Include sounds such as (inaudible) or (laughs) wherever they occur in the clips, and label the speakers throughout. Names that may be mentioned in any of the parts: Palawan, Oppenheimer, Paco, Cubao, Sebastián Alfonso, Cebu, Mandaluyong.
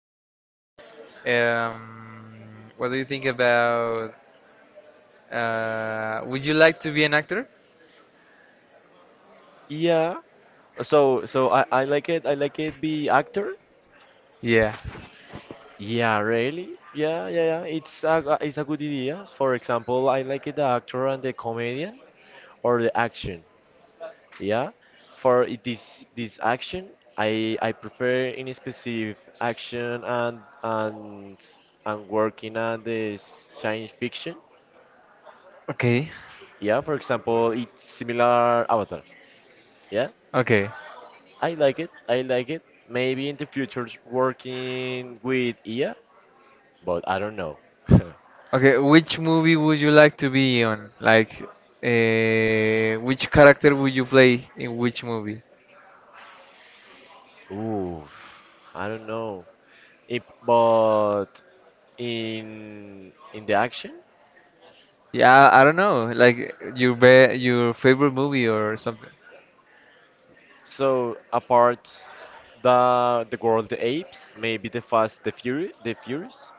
Speaker 1: I remember. Um, what do you think about? Would you like to be an actor?
Speaker 2: Yeah. So I like it. I like it. Be actor.
Speaker 1: Yeah.
Speaker 2: Yeah, really. Yeah, yeah, yeah. It's it's a good idea. For example, I like the actor and the comedian or the action. Yeah. This action, I prefer in specific action and working on the science fiction.
Speaker 1: Okay.
Speaker 2: Yeah. For example, it's similar Avatar. Yeah.
Speaker 1: Okay.
Speaker 2: I like it. I like it. Maybe in the future working with AI but I don't know.
Speaker 1: Okay. Which movie would you like to be on? Like, which character would you play in which movie?
Speaker 2: (laughs) Ooh, I don't know. It, but in the action,
Speaker 1: Yeah, I don't know. Like your be your favorite movie or something.
Speaker 2: so apart the world the apes, maybe the fast the fury the furious.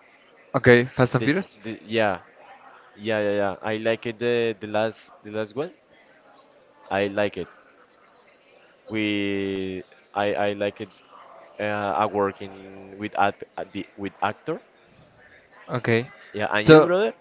Speaker 1: Okay, Fast and
Speaker 2: This
Speaker 1: Furious.
Speaker 2: the, yeah, yeah, yeah, yeah. I like it the last the last one. I like it. We I like it. I work in with with actor.
Speaker 1: Okay.
Speaker 2: Yeah, and you
Speaker 1: So.
Speaker 2: brother?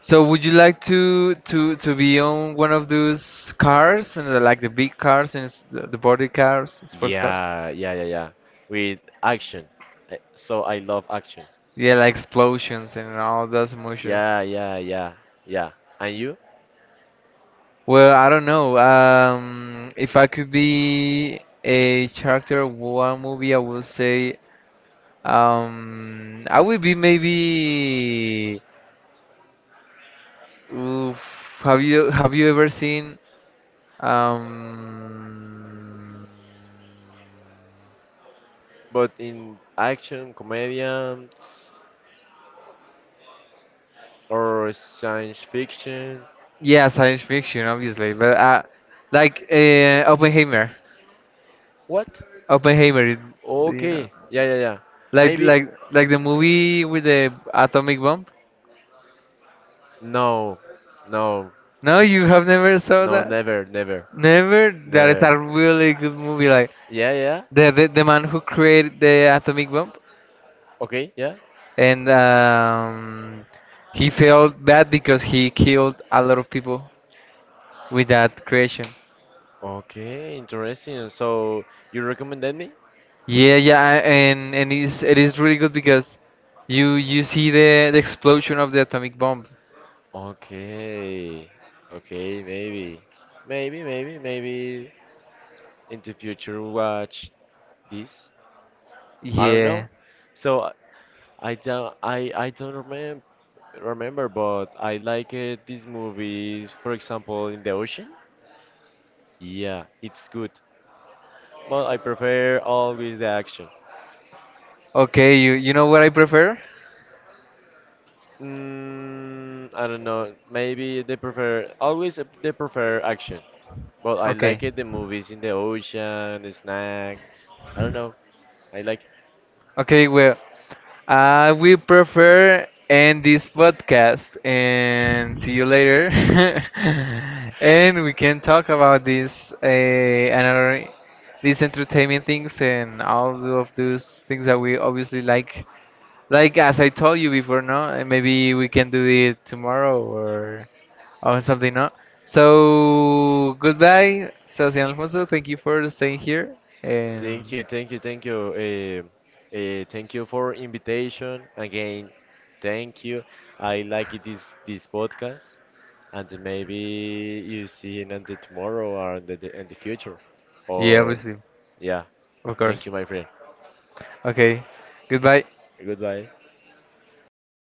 Speaker 1: So would you like to be on one of those cars and the- like the big cars and s- the body cars, sports cars?
Speaker 2: Yeah, yeah, yeah, yeah. With action. So I love action.
Speaker 1: Yeah, like explosions and all those emotions.
Speaker 2: Yeah, yeah, yeah, yeah. And you?
Speaker 1: Well, I don't know. If I could be a character of one movie, I would say I would be maybe. Oof, have you ever seen um,
Speaker 2: But in action, comedians, or science fiction?
Speaker 1: yeah, science fiction, obviously, but like Oppenheimer,
Speaker 2: What?
Speaker 1: Oppenheimer, it- you know,
Speaker 2: Okay. Yeah, yeah, yeah.
Speaker 1: like
Speaker 2: Maybe.
Speaker 1: like the movie with the atomic bomb.
Speaker 2: No, no,
Speaker 1: No, you have never saw
Speaker 2: no,
Speaker 1: that.
Speaker 2: never, never,
Speaker 1: Never. That is
Speaker 2: never.
Speaker 1: a really good movie. Like
Speaker 2: Yeah, yeah.
Speaker 1: the man who created the atomic bomb,
Speaker 2: Okay, yeah.
Speaker 1: and he felt bad because he killed a lot of people with that creation.
Speaker 2: Okay, interesting. So you recommended me?
Speaker 1: Yeah, yeah, and it's, it is really good because you see the explosion of the atomic bomb.
Speaker 2: Okay. Okay, maybe. Maybe, maybe, maybe in the future watch this. I don't
Speaker 1: Yeah.
Speaker 2: know. So I don't remember remember. But I like these movies, for example, in the ocean. Yeah, it's good. But I prefer always the action.
Speaker 1: Okay, you know what I prefer?
Speaker 2: I don't know. Maybe they prefer always they prefer action. But I like
Speaker 1: Okay.
Speaker 2: it. The movies in the ocean, the snack. I don't know. I like.
Speaker 1: Okay, well, I will prefer end this podcast and see you later. (laughs) and we can talk about this another these entertainment things and all of those things that we obviously like. Like as I told you before, no, maybe we can do it tomorrow or something, no. So goodbye, Sebastián Alfonso. Thank you for staying here,
Speaker 2: Thank
Speaker 1: and
Speaker 2: you, thank you, thank you. Thank you for invitation again. Thank you. I like it this podcast, and maybe you see it on the tomorrow or on the in the future,
Speaker 1: yeah,
Speaker 2: or
Speaker 1: obviously,
Speaker 2: yeah.
Speaker 1: of
Speaker 2: Thank you,
Speaker 1: course.
Speaker 2: my friend.
Speaker 1: Okay, goodbye.
Speaker 2: Goodbye.